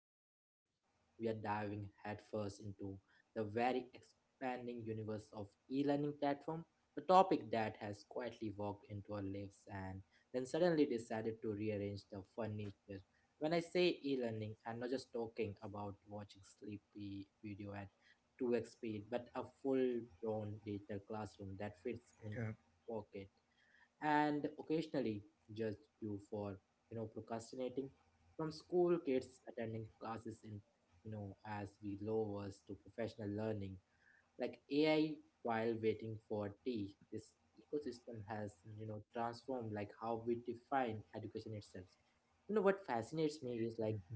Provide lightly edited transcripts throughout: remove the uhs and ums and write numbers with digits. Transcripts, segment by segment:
and today we are diving headfirst into the very expanding universe of e-learning platform, a topic that has quietly walked into our lives and then suddenly decided to rearrange the furniture. When I say e-learning, I'm not just talking about watching sleepy video at 2x speed, but a full-blown digital classroom that fits in Uh, pocket and occasionally judged you for, procrastinating, from school kids attending classes in, as we lowers to professional learning like AI while waiting for tea. This ecosystem has, transformed like how we define education itself. You know what fascinates me is like Mhm.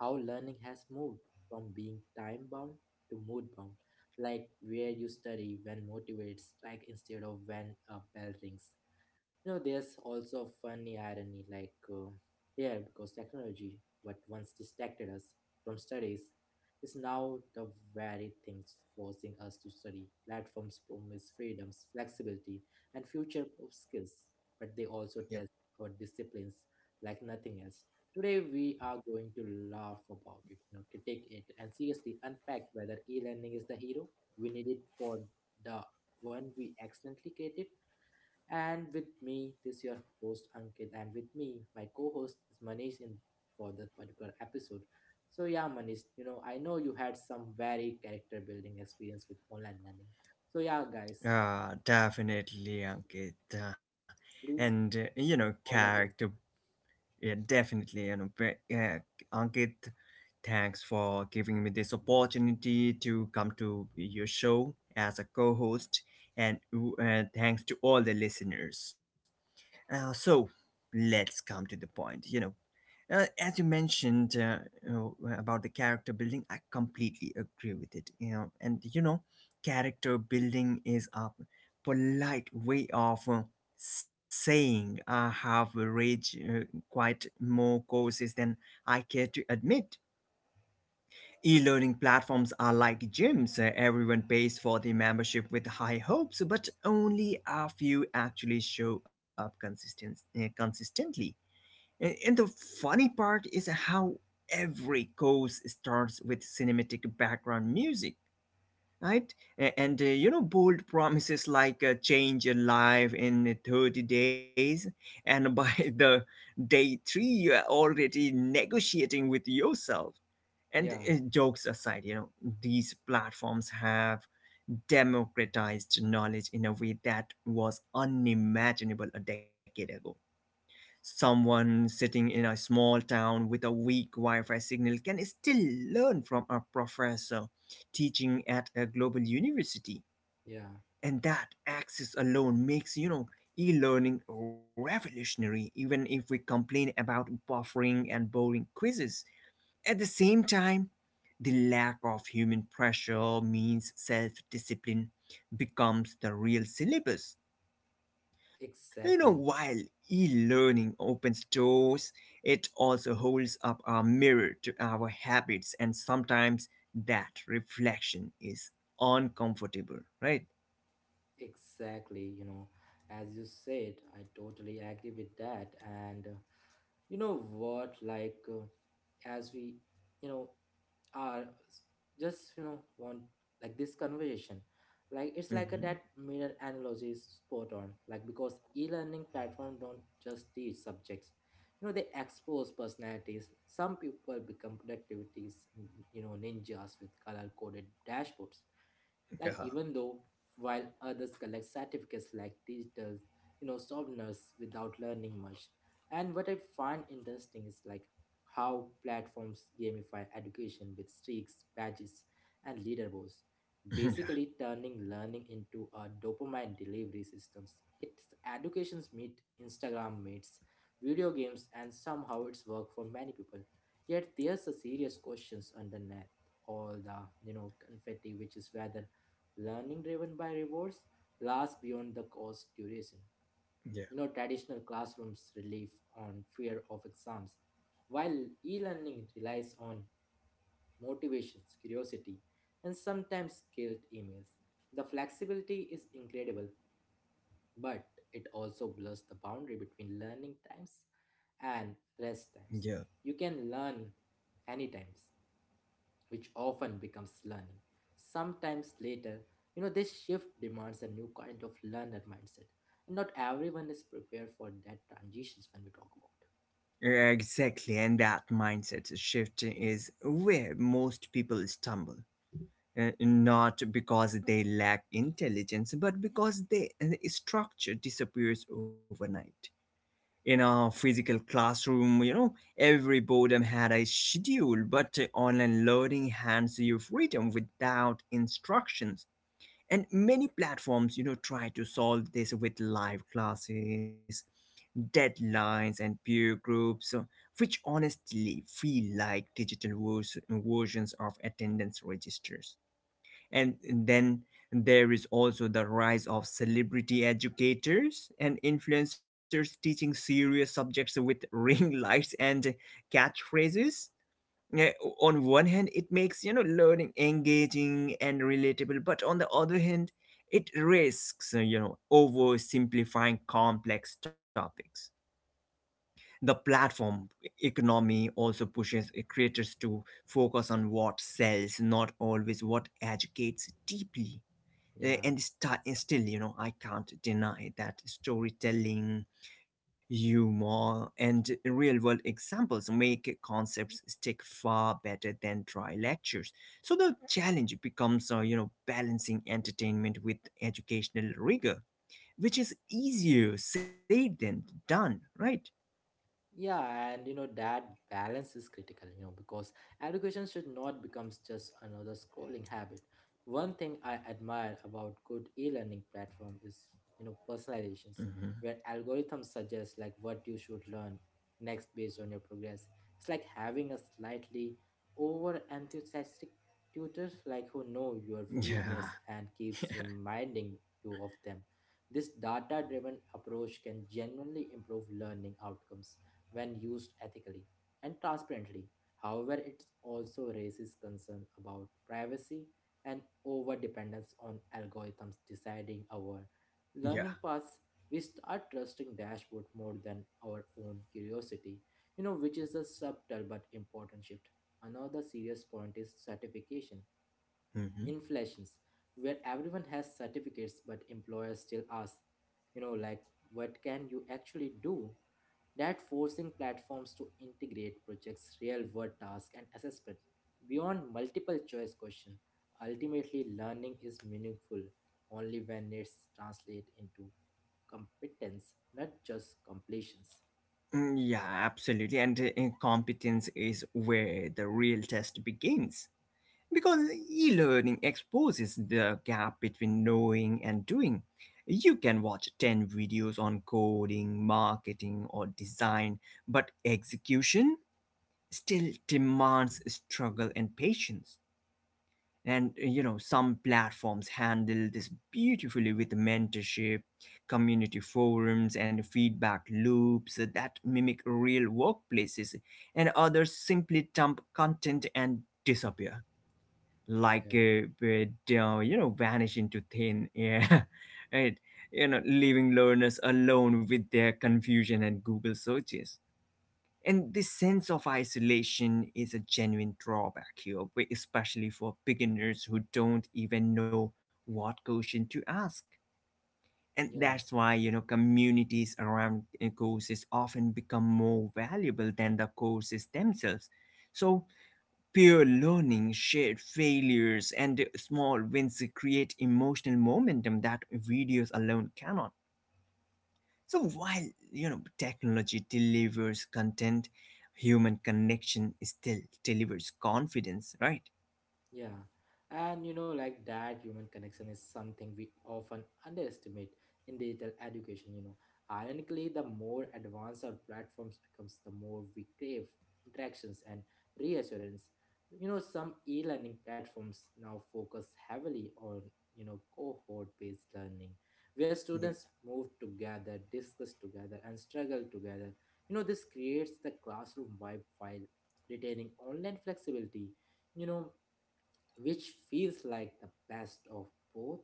how learning has moved from being time bound to mood bound, like where you study when motivates, like instead of when a bell rings. You know there's also a funny irony like here, because technology what once distracted us from studies is now the very things forcing us to study. Platforms promise freedoms, flexibility, and future proof skills, but they also Yep. test our disciplines like nothing else. Today we are going to laugh about it, critique it, and seriously unpack whether e-learning is the hero we need it for, the one we accidentally created. And with me, this your host Ankit, and with me, my co-host is Manish in for this particular episode. So yeah, Manish, you know, I know you had some very character building experience with online learning. So yeah, guys, Definitely, Ankit. And, please you know, all the character. things. Yeah, definitely. Ankit, thanks for giving me this opportunity to come to your show as a co host. And thanks to all the listeners. Uh, so, let's come to the point. As you mentioned about the character building, I completely agree with it. Character building is a polite way of saying I have rage quite more courses than I care to admit. E-learning platforms are like gyms. Everyone pays for the membership with high hopes, but only a few actually show up consistently. And the funny part is how every course starts with cinematic background music, right? Bold promises like change your life in 30 days. And by the day three, you're already negotiating with yourself. And Yeah, jokes aside, you know, these platforms have democratized knowledge in a way that was unimaginable a decade ago. Someone sitting in a small town with a weak Wi Fi signal can still learn from a professor teaching at a global university. yeah, And that access alone makes, you know, e learning revolutionary, even if we complain about buffering and boring quizzes. At the same time, the lack of human pressure means self discipline becomes the real syllabus. You know, exactly, while e learning opens doors, it also holds up a mirror to our habits, and sometimes that reflection is uncomfortable, right? exactly. You know, as you said, I totally agree with that. And you know what, like, as we, you know, are just you know want like this conversation like it's like a that Hmm. mirror analogy is spot on, like because e-learning platform don't just teach subjects. You know, they expose personalities. Some people become productivities, you know, ninjas with color coded dashboards, like Yeah. even though, while others collect certificates like digital, you know, souvenirs without learning much. And what I find interesting is like how platforms gamify education with streaks, badges, and leaderboards, Yeah, basically turning learning into a dopamine delivery systems. It's education's meet Instagram meets video games, and somehow it's worked for many people. Yet there's a serious questions underneath all the, confetti, which is whether learning driven by rewards lasts beyond the course duration. yeah, You know, traditional classrooms relief on fear of exams, while e-learning relies on motivations, curiosity, and sometimes guilt emails. The flexibility is incredible, but it also blurs the boundary between learning times and rest times. yeah. You can learn any times, which often becomes learning. Sometimes later, you know, this shift demands a new kind of learner mindset. And not everyone is prepared for that transitions when we talk about. Exactly, and that mindset shift is where most people stumble. Not because they lack intelligence, but because they, the structure disappears overnight. In a physical classroom, you know, every boredom had a schedule, but online learning hands you freedom without instructions. And many platforms, you know, try to solve this with live classes, deadlines, and peer groups, which honestly feel like digital versions of attendance registers. And then there is also the rise of celebrity educators and influencers teaching serious subjects with ring lights and catchphrases. Yeah, on one hand, it makes you know learning engaging and relatable, but on the other hand, it risks you know oversimplifying complex topics. The platform economy also pushes creators to focus on what sells, not always what educates deeply. uh, Yeah. and still you know I can't deny that storytelling humor and real world examples make concepts stick far better than dry lectures. So the challenge becomes you know balancing entertainment with educational rigor, which is easier said than done, right? Yeah, and you know that balance is critical, you know, because education should not become just another scrolling habit. One thing I admire about good e-learning platform is, you know, personalizations, Hmm. where algorithms suggest like what you should learn next based on your progress. It's like having a slightly over enthusiastic tutor, like who know your Yeah. weakness and keeps reminding you of them. This data driven approach can genuinely improve learning outcomes when used ethically and transparently. However, it also raises concern about privacy and over dependence on algorithms deciding our Yeah. learning paths. We start trusting dashboard more than our own curiosity, you know, which is a subtle but important shift. Another serious point is certification. Hmm. Inflations, where everyone has certificates but employers still ask, you know, like what can you actually do? That forcing platforms to integrate projects, real-world tasks, and assessment beyond multiple-choice questions. Ultimately, learning is meaningful only when it's translated into competence, not just completions. Mm, yeah absolutely. And competence is where the real test begins. Because e learning exposes the gap between knowing and doing. You can watch 10 videos on coding, marketing, or design, but execution still demands struggle and patience. And you know, some platforms handle this beautifully with mentorship, community forums, and feedback loops that mimic real workplaces, and others simply dump content and disappear Yeah. like you know vanish into thin air, right? You know leaving learners alone with their confusion and google searches. And this sense of isolation is a genuine drawback here, especially for beginners who don't even know what question to ask. And Yeah. that's why you know communities around courses often become more valuable than the courses themselves. So peer learning, shared failures, and small wins create emotional momentum that videos alone cannot. So while you know technology delivers content, human connection still delivers confidence, right? Yeah. And you know, like that human connection is something we often underestimate in digital education, you know. Ironically, the more advanced our platforms becomes, the more we crave interactions and reassurance. You know, some e-learning platforms now focus heavily on, you know, cohort-based learning, where Yeah. students move together, discuss together, and struggle together. You know, this creates the classroom vibe while retaining online flexibility. You know, which feels like the best of both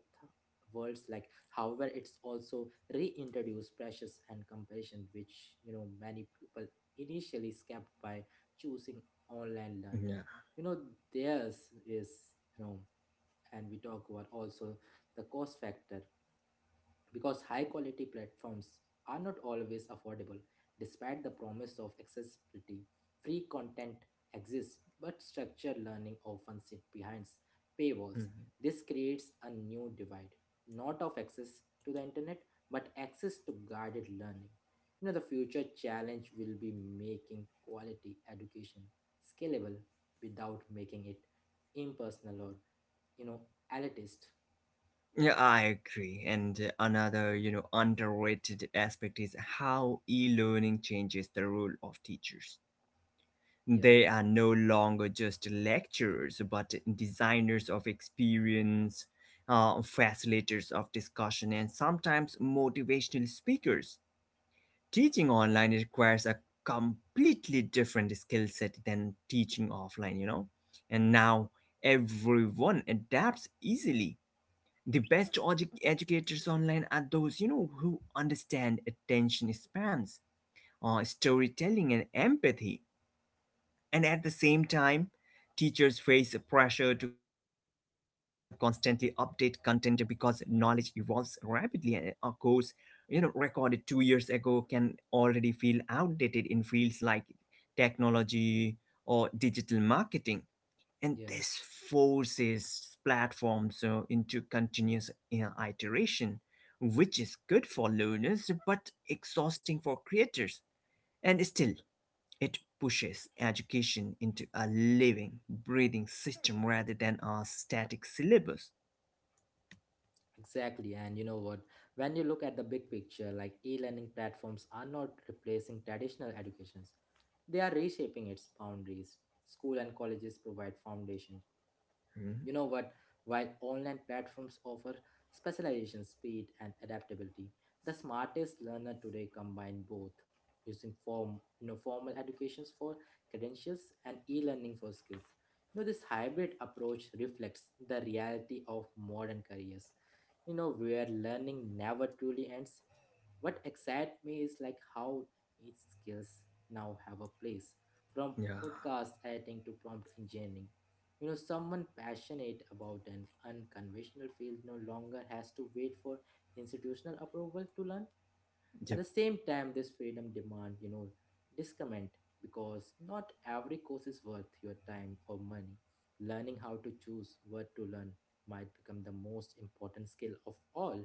worlds, like however it's also reintroduced pressures and comparison, which you know many people initially skipped by choosing online learning. Yeah. You know theirs is, you know, and we talk about also the cost factor, because high quality platforms are not always affordable. Despite the promise of accessibility, free content exists, but structured learning often sits behind paywalls. Mhm. This creates a new divide, not of access to the internet, but access to guided learning. You know, the future challenge will be making quality education scalable without making it impersonal or, you know, elitist. Yeah, I agree. And another you know underrated aspect is how e-learning changes the role of teachers. Yeah, They are no longer just lecturers, but designers of experience, facilitators of discussion, and sometimes motivational speakers. Teaching online requires a completely different skill set than teaching offline, you know? And now everyone adapts easily. The best educators online are those, you know, who understand attention spans, storytelling, and empathy. And at the same time, teachers face pressure to constantly update content because knowledge evolves rapidly, and a course you know recorded 2 years ago can already feel outdated in fields like technology or digital marketing. And yeah. this forces platforms into continuous you know iteration, which is good for learners but exhausting for creators. And still it pushes education into a living, breathing system rather than a static syllabus. Exactly, and you know what? When you look at the big picture, like e-learning platforms are not replacing traditional educations. They are reshaping its boundaries. School and colleges provide foundations. Mhm. You know what? While online platforms offer specialization, speed, and adaptability, the smartest learner today combine both, using form, you know, formal educations for credentials and e-learning for skills. You know, this hybrid approach reflects the reality of modern careers. You know, where learning never truly ends. What excites me is like how each skills now have a place, from Yeah. podcast editing to prompt engineering. You know, someone passionate about an unconventional field no longer has to wait for institutional approval to learn. At Yep. the same time, this freedom demand, you know, discomment, because not every course is worth your time or money. Learning how to choose what to learn might become the most important skill of all.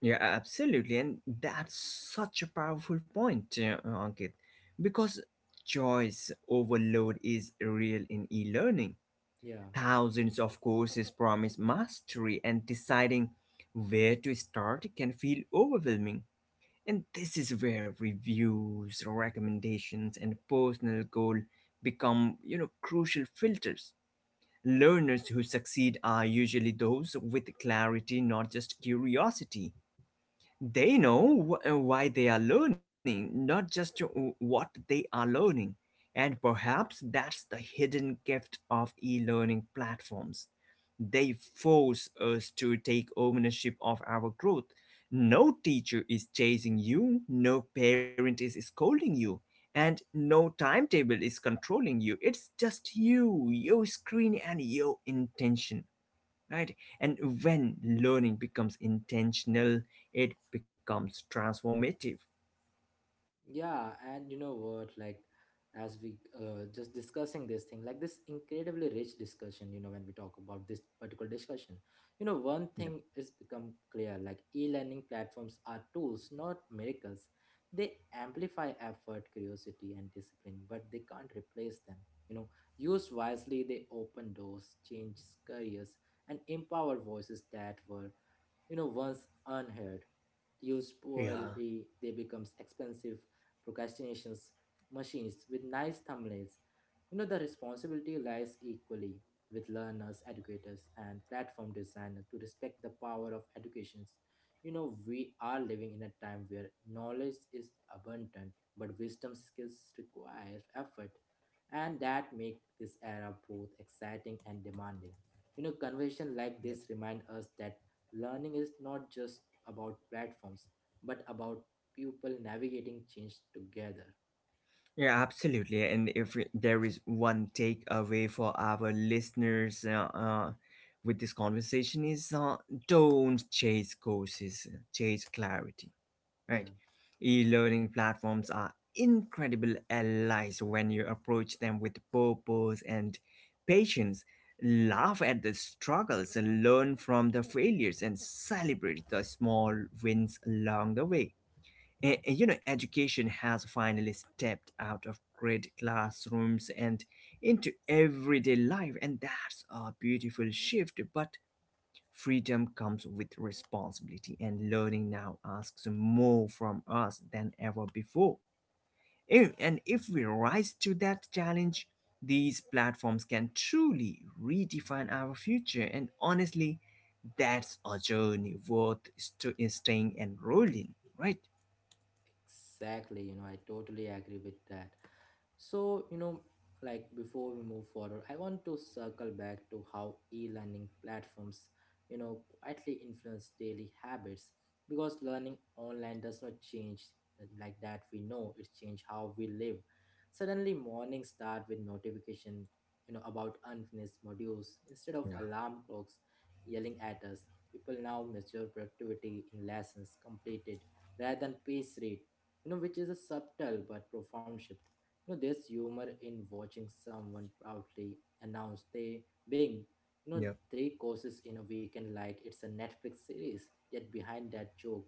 Yeah, absolutely. And that's such a powerful point, Ankit, because choice overload is real in e learning. Yeah. Thousands of courses promise mastery, and deciding where to start can feel overwhelming. And this is where reviews, recommendations, and personal goal become, you know, crucial filters. Learners who succeed are usually those with clarity, not just curiosity. They know why they are learning, not just what they are learning. And perhaps that's the hidden gift of e learning platforms. They force us to take ownership of our growth. No teacher is chasing you, no parent is scolding you, and no timetable is controlling you. It's just you, your screen, and your intention, right? And when learning becomes intentional it becomes transformative. Yeah, and you know what? Like, as we just discussing this thing, like this incredibly rich discussion, you know, when we talk about this particular discussion, you know, one Yep. thing is become clear, like e learning platforms are tools, not miracles. They amplify effort, curiosity, and discipline, but they can't replace them. You know, used wisely, they open doors, change careers, and empower voices that were, you know, once unheard. Used Yeah. poorly, they becomes expensive procrastinations machines with nice thumbnails. You know, the responsibility lies equally with learners, educators, and platform designers to respect the power of educations. You know, we are living in a time where knowledge is abundant, but wisdom skills require effort, and that make this era both exciting and demanding. You know, conversation like Yep. this remind us that learning is not just about platforms, but about people navigating change together. Yeah, absolutely. And if there is one takeaway for our listeners with this conversation is don't chase courses, chase clarity, right? Yeah. E-learning platforms are incredible allies when you approach them with purpose and patience. Laugh at the struggles, learn from the failures, and celebrate the small wins along the way. You know, education has finally stepped out of great classrooms and into everyday life, and that's a beautiful shift. But freedom comes with responsibility, and learning now asks more from us than ever before. And if we rise to that challenge, these platforms can truly redefine our future. And honestly, that's a journey worth staying enrolled in, right? Exactly, you know, I totally agree with that. So, you know, like before we move forward, I want to circle back to how e-learning platforms, you know, quietly influence daily habits, because learning online does not change like that we know it change how we live. Suddenly mornings start with notification, you know, about unfinished modules instead of alarm clocks yelling at us. People now measure productivity in lessons completed rather than pace rate, you know, which is a subtle but profound shift. You know, there's humor in watching someone proudly announce they being, you know, three courses in a weekend like it's a Netflix series. Yet behind that joke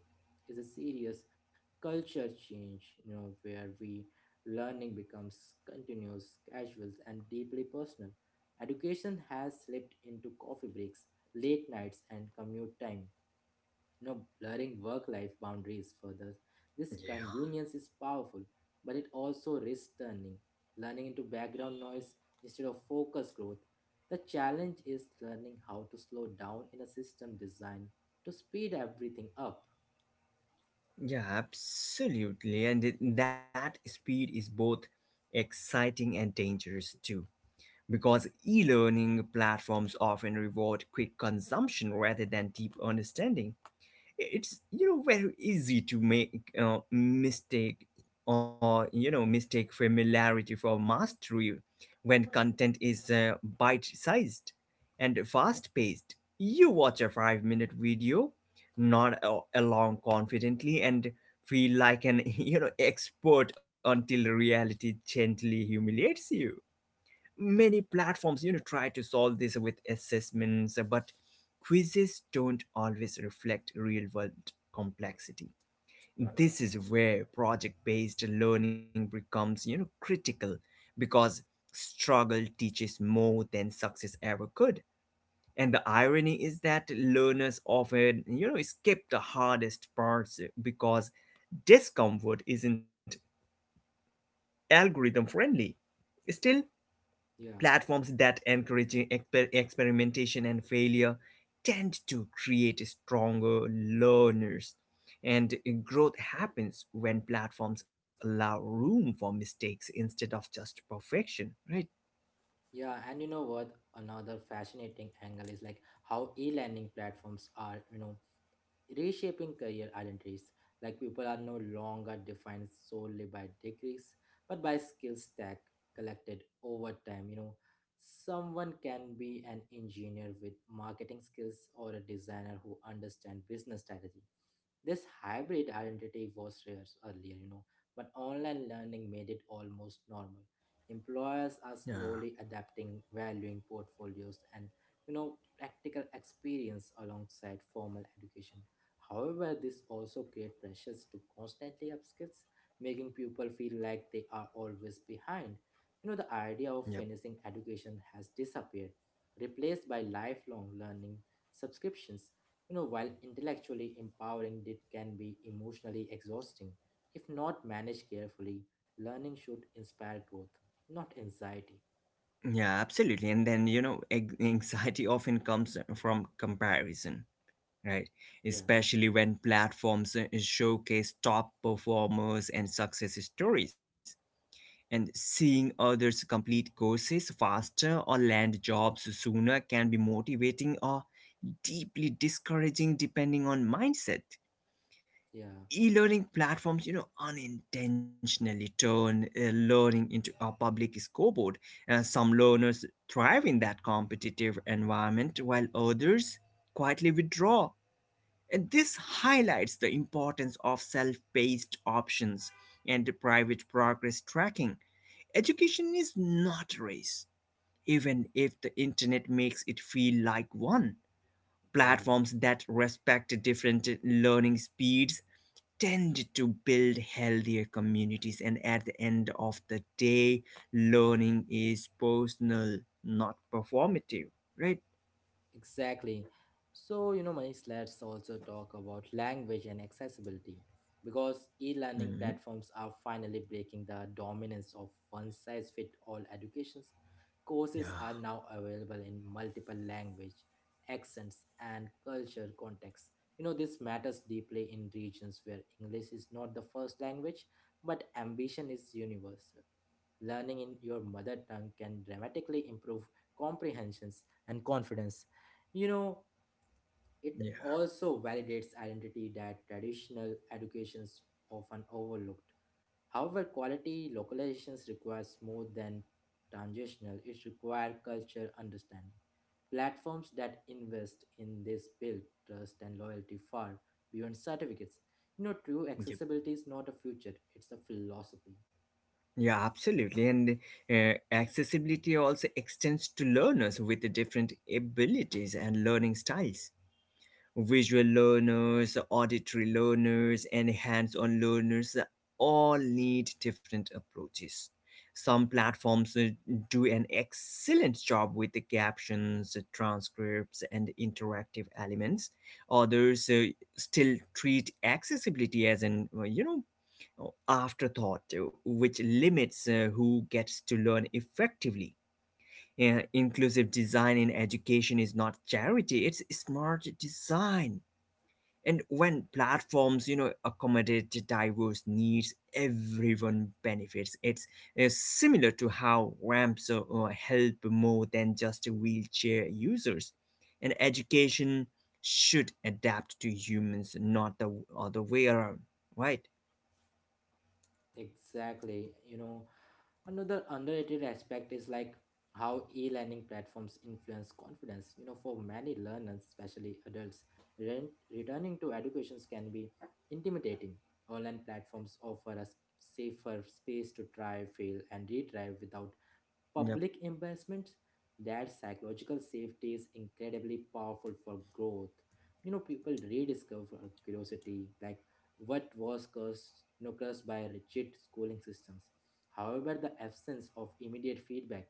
is a serious culture change, you know, where we learning becomes continuous, casual, and deeply personal. Education has slipped into coffee breaks, late nights, and commute time, you know, blurring work life boundaries further. This Yeah. convenience is powerful, but it also risks turning learning into background noise instead of focused growth. The challenge is learning how to slow down in a system designed to speed everything up. Yeah, absolutely. That speed is both exciting and dangerous too. Because e learning platforms often reward quick consumption rather than deep understanding. It's you know very easy to make mistake, or you know mistake familiarity for mastery when content is bite sized and fast paced. You watch a 5 minute video, not a- along confidently, and feel like an you know expert until reality gently humiliates you. Many platforms you know try to solve this with assessments, but quizzes don't always reflect real world complexity. This is where project based learning becomes you know critical, because struggle teaches more than success ever could. And the irony is that learners often you know skip the hardest parts because discomfort isn't algorithm friendly. Still, Yeah. platforms that encourage experimentation and failure tend to create stronger learners. And growth happens when platforms allow room for mistakes instead of just perfection. Yeah, and you know what, another fascinating angle is like how e-learning platforms are, you know, reshaping career identities. Like people are no longer defined solely by degrees, but by skill stack collected over time. You know, someone can be an engineer with marketing skills or a designer who understand business strategy. This hybrid identity was rare earlier, you know, but online learning made it almost normal. Employers are slowly adapting, valuing portfolios and, you know, practical experience alongside formal education. However, this also creates pressures to constantly upskill, making people feel like they are always behind. You know, the idea of finishing education has disappeared, replaced by lifelong learning subscriptions. You know, while intellectually empowering, it can be emotionally exhausting. If not managed carefully, learning should inspire growth, not anxiety. Yeah, absolutely. And then, you know, anxiety often comes from comparison, Yeah, especially when platforms showcase top performers and success stories. And seeing others complete courses faster or land jobs sooner can be motivating or deeply discouraging depending on mindset. yeah, E-learning platforms you know unintentionally turn learning into a public scoreboard. Some learners thrive in that competitive environment while others quietly withdraw, and this highlights the importance of self-paced options and private progress tracking. Education is not a race, even if the internet makes it feel like one. yeah. Platforms that respect different learning speeds tend to build healthier communities, and at the end of the day, learning is personal, not performative, right? Exactly. So, you know, Manish, let's also talk about language and accessibility, because e learning Mhm. platforms are finally breaking the dominance of one size fit all educations. Courses are now available in multiple language, accents, and culture contexts. You know, this matters deeply in regions where English is not the first language, but ambition is universal. Learning in your mother tongue can dramatically improve comprehensions and confidence. You know, it also validates identity that traditional educations often overlooked. However, quality localizations requires more than transitional, it requires cultural understanding. Platforms that invest in this build trust and loyalty far beyond certificates. You know, true Yep. accessibility is not a future, it's a philosophy. Yeah, absolutely. And accessibility also extends to learners with different abilities and learning styles. Visual learners, auditory learners, and hands on learners all need different approaches. Some platforms do an excellent job with the captions, transcripts, and interactive elements. Others still treat accessibility as an, you know, afterthought, which limits who gets to learn effectively. Inclusive design in education is not charity, it's smart design. And when platforms, you know, accommodate the diverse needs, everyone benefits. It's similar to how ramps help more than just wheelchair users. And education should adapt to humans, not the other way around, right? Exactly. You know, another underrated aspect is like how e-learning platforms influence confidence. You know, for many learners, especially adults, ren- returning to educations can be intimidating. Online platforms offer a safer space to try, fail, and retry without Yep. public investments. That psychological safety is incredibly powerful for growth. You know, people rediscover curiosity, like what was cursed, you know, cursed by rigid schooling systems. However, the absence of immediate feedback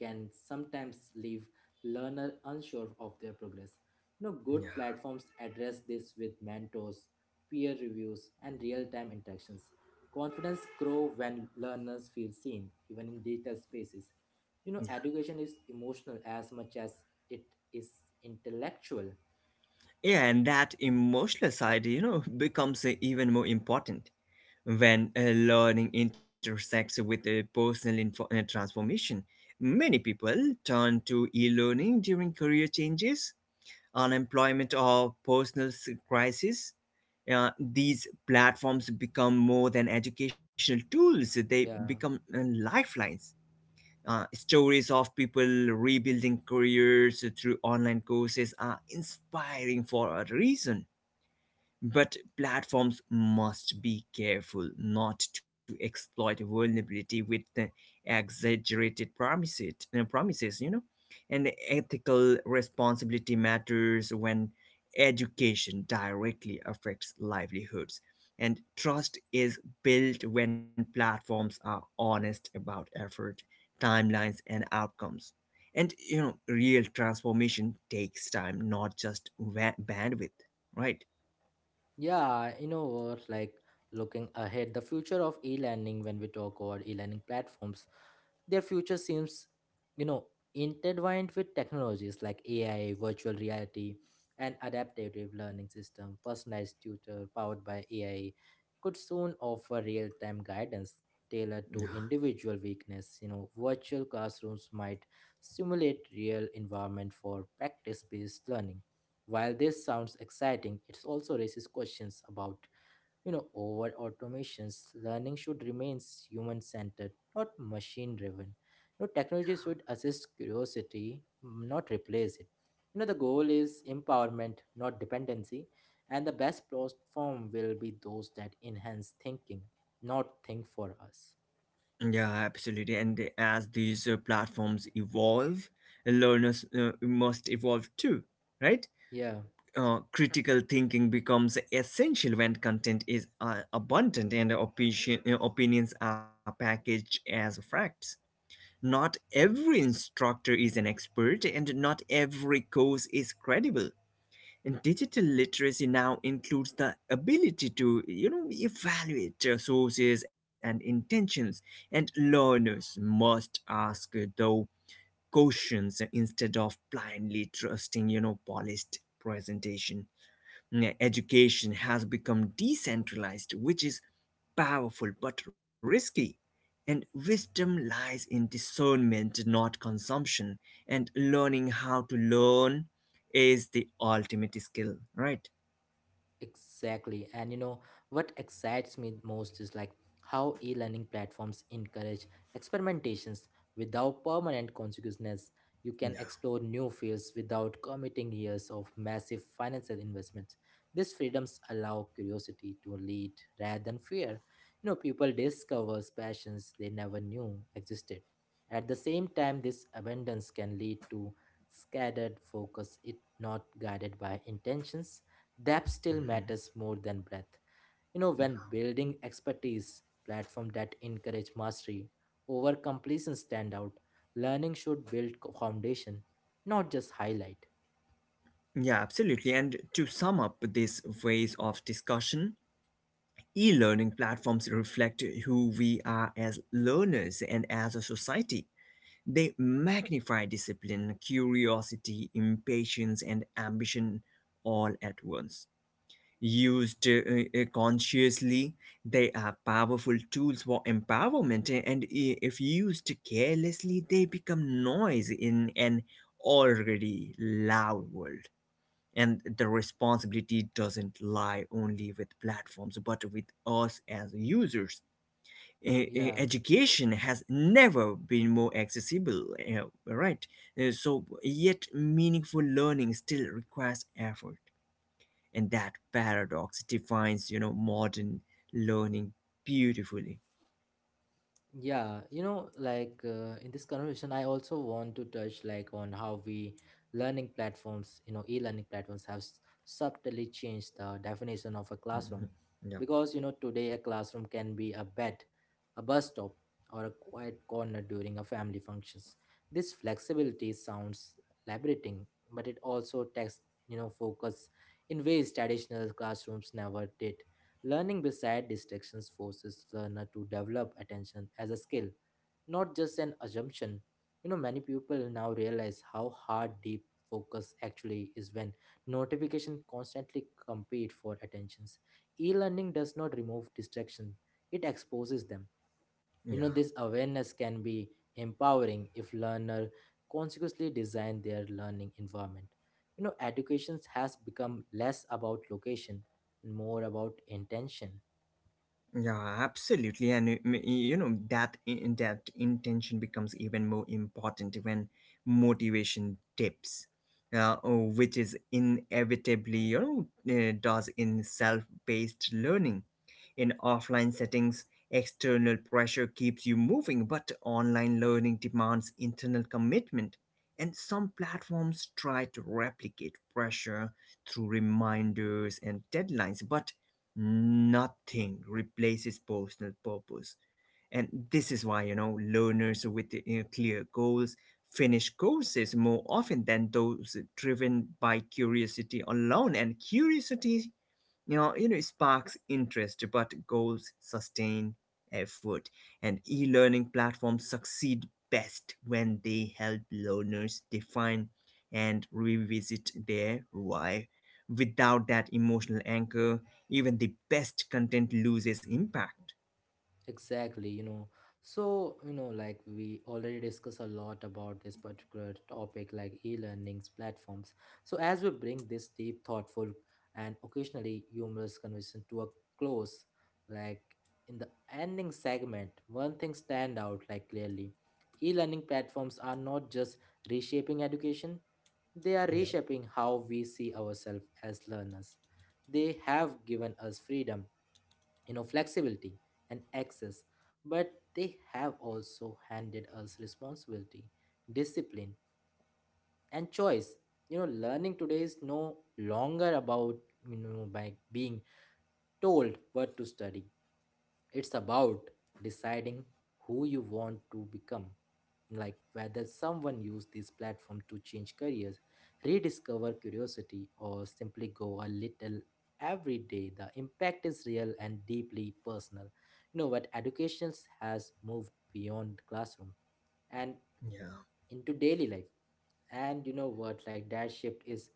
can sometimes leave learner unsure of their progress. You know, good platforms address this with mentors, peer reviews, and real-time interactions. Confidence grow when learners feel seen, even in digital spaces. You know, Yeah. education is emotional as much as it is intellectual. Yeah, and that emotional side, you know, becomes even more important when learning intersects with a personal transformation. Many people turn to e learning during career changes, unemployment, or personal crisis. These platforms become more than educational tools, they Yeah. become lifelines. Stories of people rebuilding careers through online courses are inspiring for a reason, but platforms must be careful not to exploit vulnerability with exaggerated promises, you know. And ethical responsibility matters when education directly affects livelihoods. And trust is built when platforms are honest about effort, timelines, and outcomes. And you know, real transformation takes time, not just bandwidth, right? Yeah, you know what? Like looking ahead, the future of e-learning, when we talk about e-learning platforms, their future seems, you know, intertwined with technologies like AI, virtual reality, and adaptive learning system. Personalized tutor powered by AI could soon offer real-time guidance tailored to individual weakness. You know, virtual classrooms might simulate real environment for practice-based learning. While this sounds exciting, it also raises questions about, you know, over automations. Learning should remain human centered, not machine driven. You know, technology should assist curiosity, not replace it. You know, the goal is empowerment, not dependency, and the best platform will be those that enhance thinking, not think for us. Yeah, absolutely. As these platforms evolve, learners must evolve too, right? Yeah. Critical thinking becomes essential when content is abundant and opinions are packaged as facts. Not every instructor is an expert, and not every course is credible. And digital literacy now includes the ability to, you know, evaluate sources and intentions, and learners must ask though questions instead of blindly trusting, you know, polished presentation. Mm, yeah, education has become decentralized, which is powerful but risky. And wisdom lies in discernment, not consumption. And learning how to learn is the ultimate skill, right? Exactly. And you know, what excites me most is like how e learning platforms encourage experimentations without permanent consequences. You can explore new fields without committing years of massive financial investments. These freedoms allow curiosity to lead rather than fear. You know, people discover passions they never knew existed. At the same time, this abundance can lead to scattered focus if not guided by intentions. Depth still matters more than breadth. You know, when building expertise, platform that encourage mastery over completion stand out. Learning should build foundation, not just highlight. Yeah, absolutely. And to sum up this phase of discussion, e learning platforms reflect who we are as learners and as a society. They magnify discipline, curiosity, impatience, and ambition all at once. Used consciously, they are powerful tools for empowerment, and if used carelessly, they become noise in an already loud world. And the responsibility doesn't lie only with platforms, but with us as users. Yeah. Education has never been more accessible, eh, right? Eh, so, yet meaningful learning still requires effort, and that paradox defines, you know, modern learning beautifully. Yeah, you know, like in this conversation, I also want to touch like on how we learning platforms, you know, e-learning platforms have subtly changed the definition of a classroom, because you know today a classroom can be a bed, a bus stop, or a quiet corner during a family functions. This flexibility sounds liberating, but it also takes, you know, focus in ways traditional classrooms never did. Learning beside distractions forces learner to develop attention as a skill, not just an assumption. You know, many people now realize how hard deep focus actually is when notification constantly compete for attentions. E-learning does not remove distraction; it exposes them. You know, this awareness can be empowering if learner consciously design their learning environment. You know, education has become less about location and more about intention. Yeah, absolutely, and you know that intention becomes even more important when motivation dips, oh, which is inevitably you know does in self-paced learning. In offline settings, external pressure keeps you moving, but online learning demands internal commitment. And some platforms try to replicate pressure through reminders and deadlines, but nothing replaces personal purpose. And this is why, you know, learners with you clear goals finish courses more often than those driven by curiosity alone. And curiosity you know, sparks interest but goals sustain effort. And e-learning platforms succeed best when they help learners define and revisit their why. Without that emotional anchor even the best content loses impact. Exactly, you know. So, you know, like we already discussed a lot about this particular topic, like e learnings platforms. So, as we bring this deep, thoughtful, and occasionally humorous conversation to a close, like in the ending segment, one thing stand out like clearly. E learning platforms are not just reshaping education, they are Yep. reshaping how we see ourselves as learners. They have given us freedom, you know, flexibility and access, but they have also handed us responsibility, discipline, and choice. You know, learning today is no longer about, you know, by being told what to study. It's about deciding who you want to become, like whether someone used this platform to change careers, rediscover curiosity, or simply go a little every day. The impact is real and deeply personal. You know what, education has moved beyond classroom and Yeah. into daily life. And you know what, like that shift is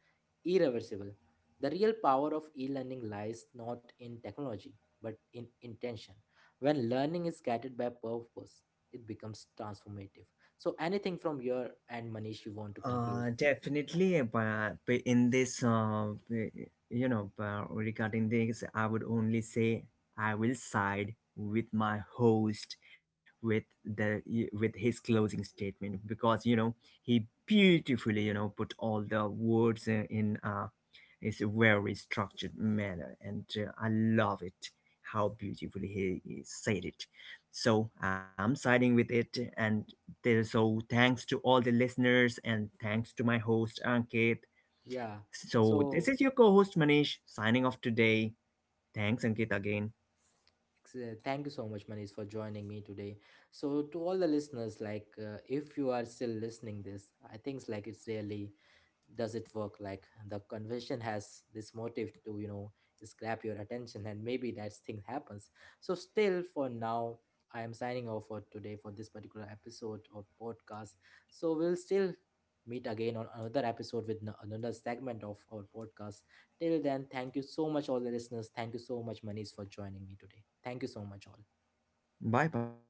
irreversible. The real power of e learning lies not in technology, but in intention. When learning is guided by purpose, it becomes transformative. So, anything from your and Manish, you want to conclude? Definitely, but in this, you know, but regarding this, I would only say I will side with my host with the with his closing statement because you know he beautifully you know put all the words in in a, it's a very structured manner, and I love it how beautifully he said it. So I'm siding with it, and there, so thanks to all the listeners, and thanks to my host Ankit. Yeah. So this So, is your co-host Manish signing off today. Thanks Ankit again. Thank you so much, Manish, for joining me today. So, to all the listeners, like, if you are still listening this, I think it's like it's really does it work? Like, the convention has this motive to, you know, scrap your attention, and maybe that thing happens. So, still for now, I am signing off for today for this particular episode of podcast. So, we'll still meet again on another episode with another segment of our podcast. Till then, thank you so much, all the listeners. Thank you so much, Manish, for joining me today. Thank you so much, all. Bye bye.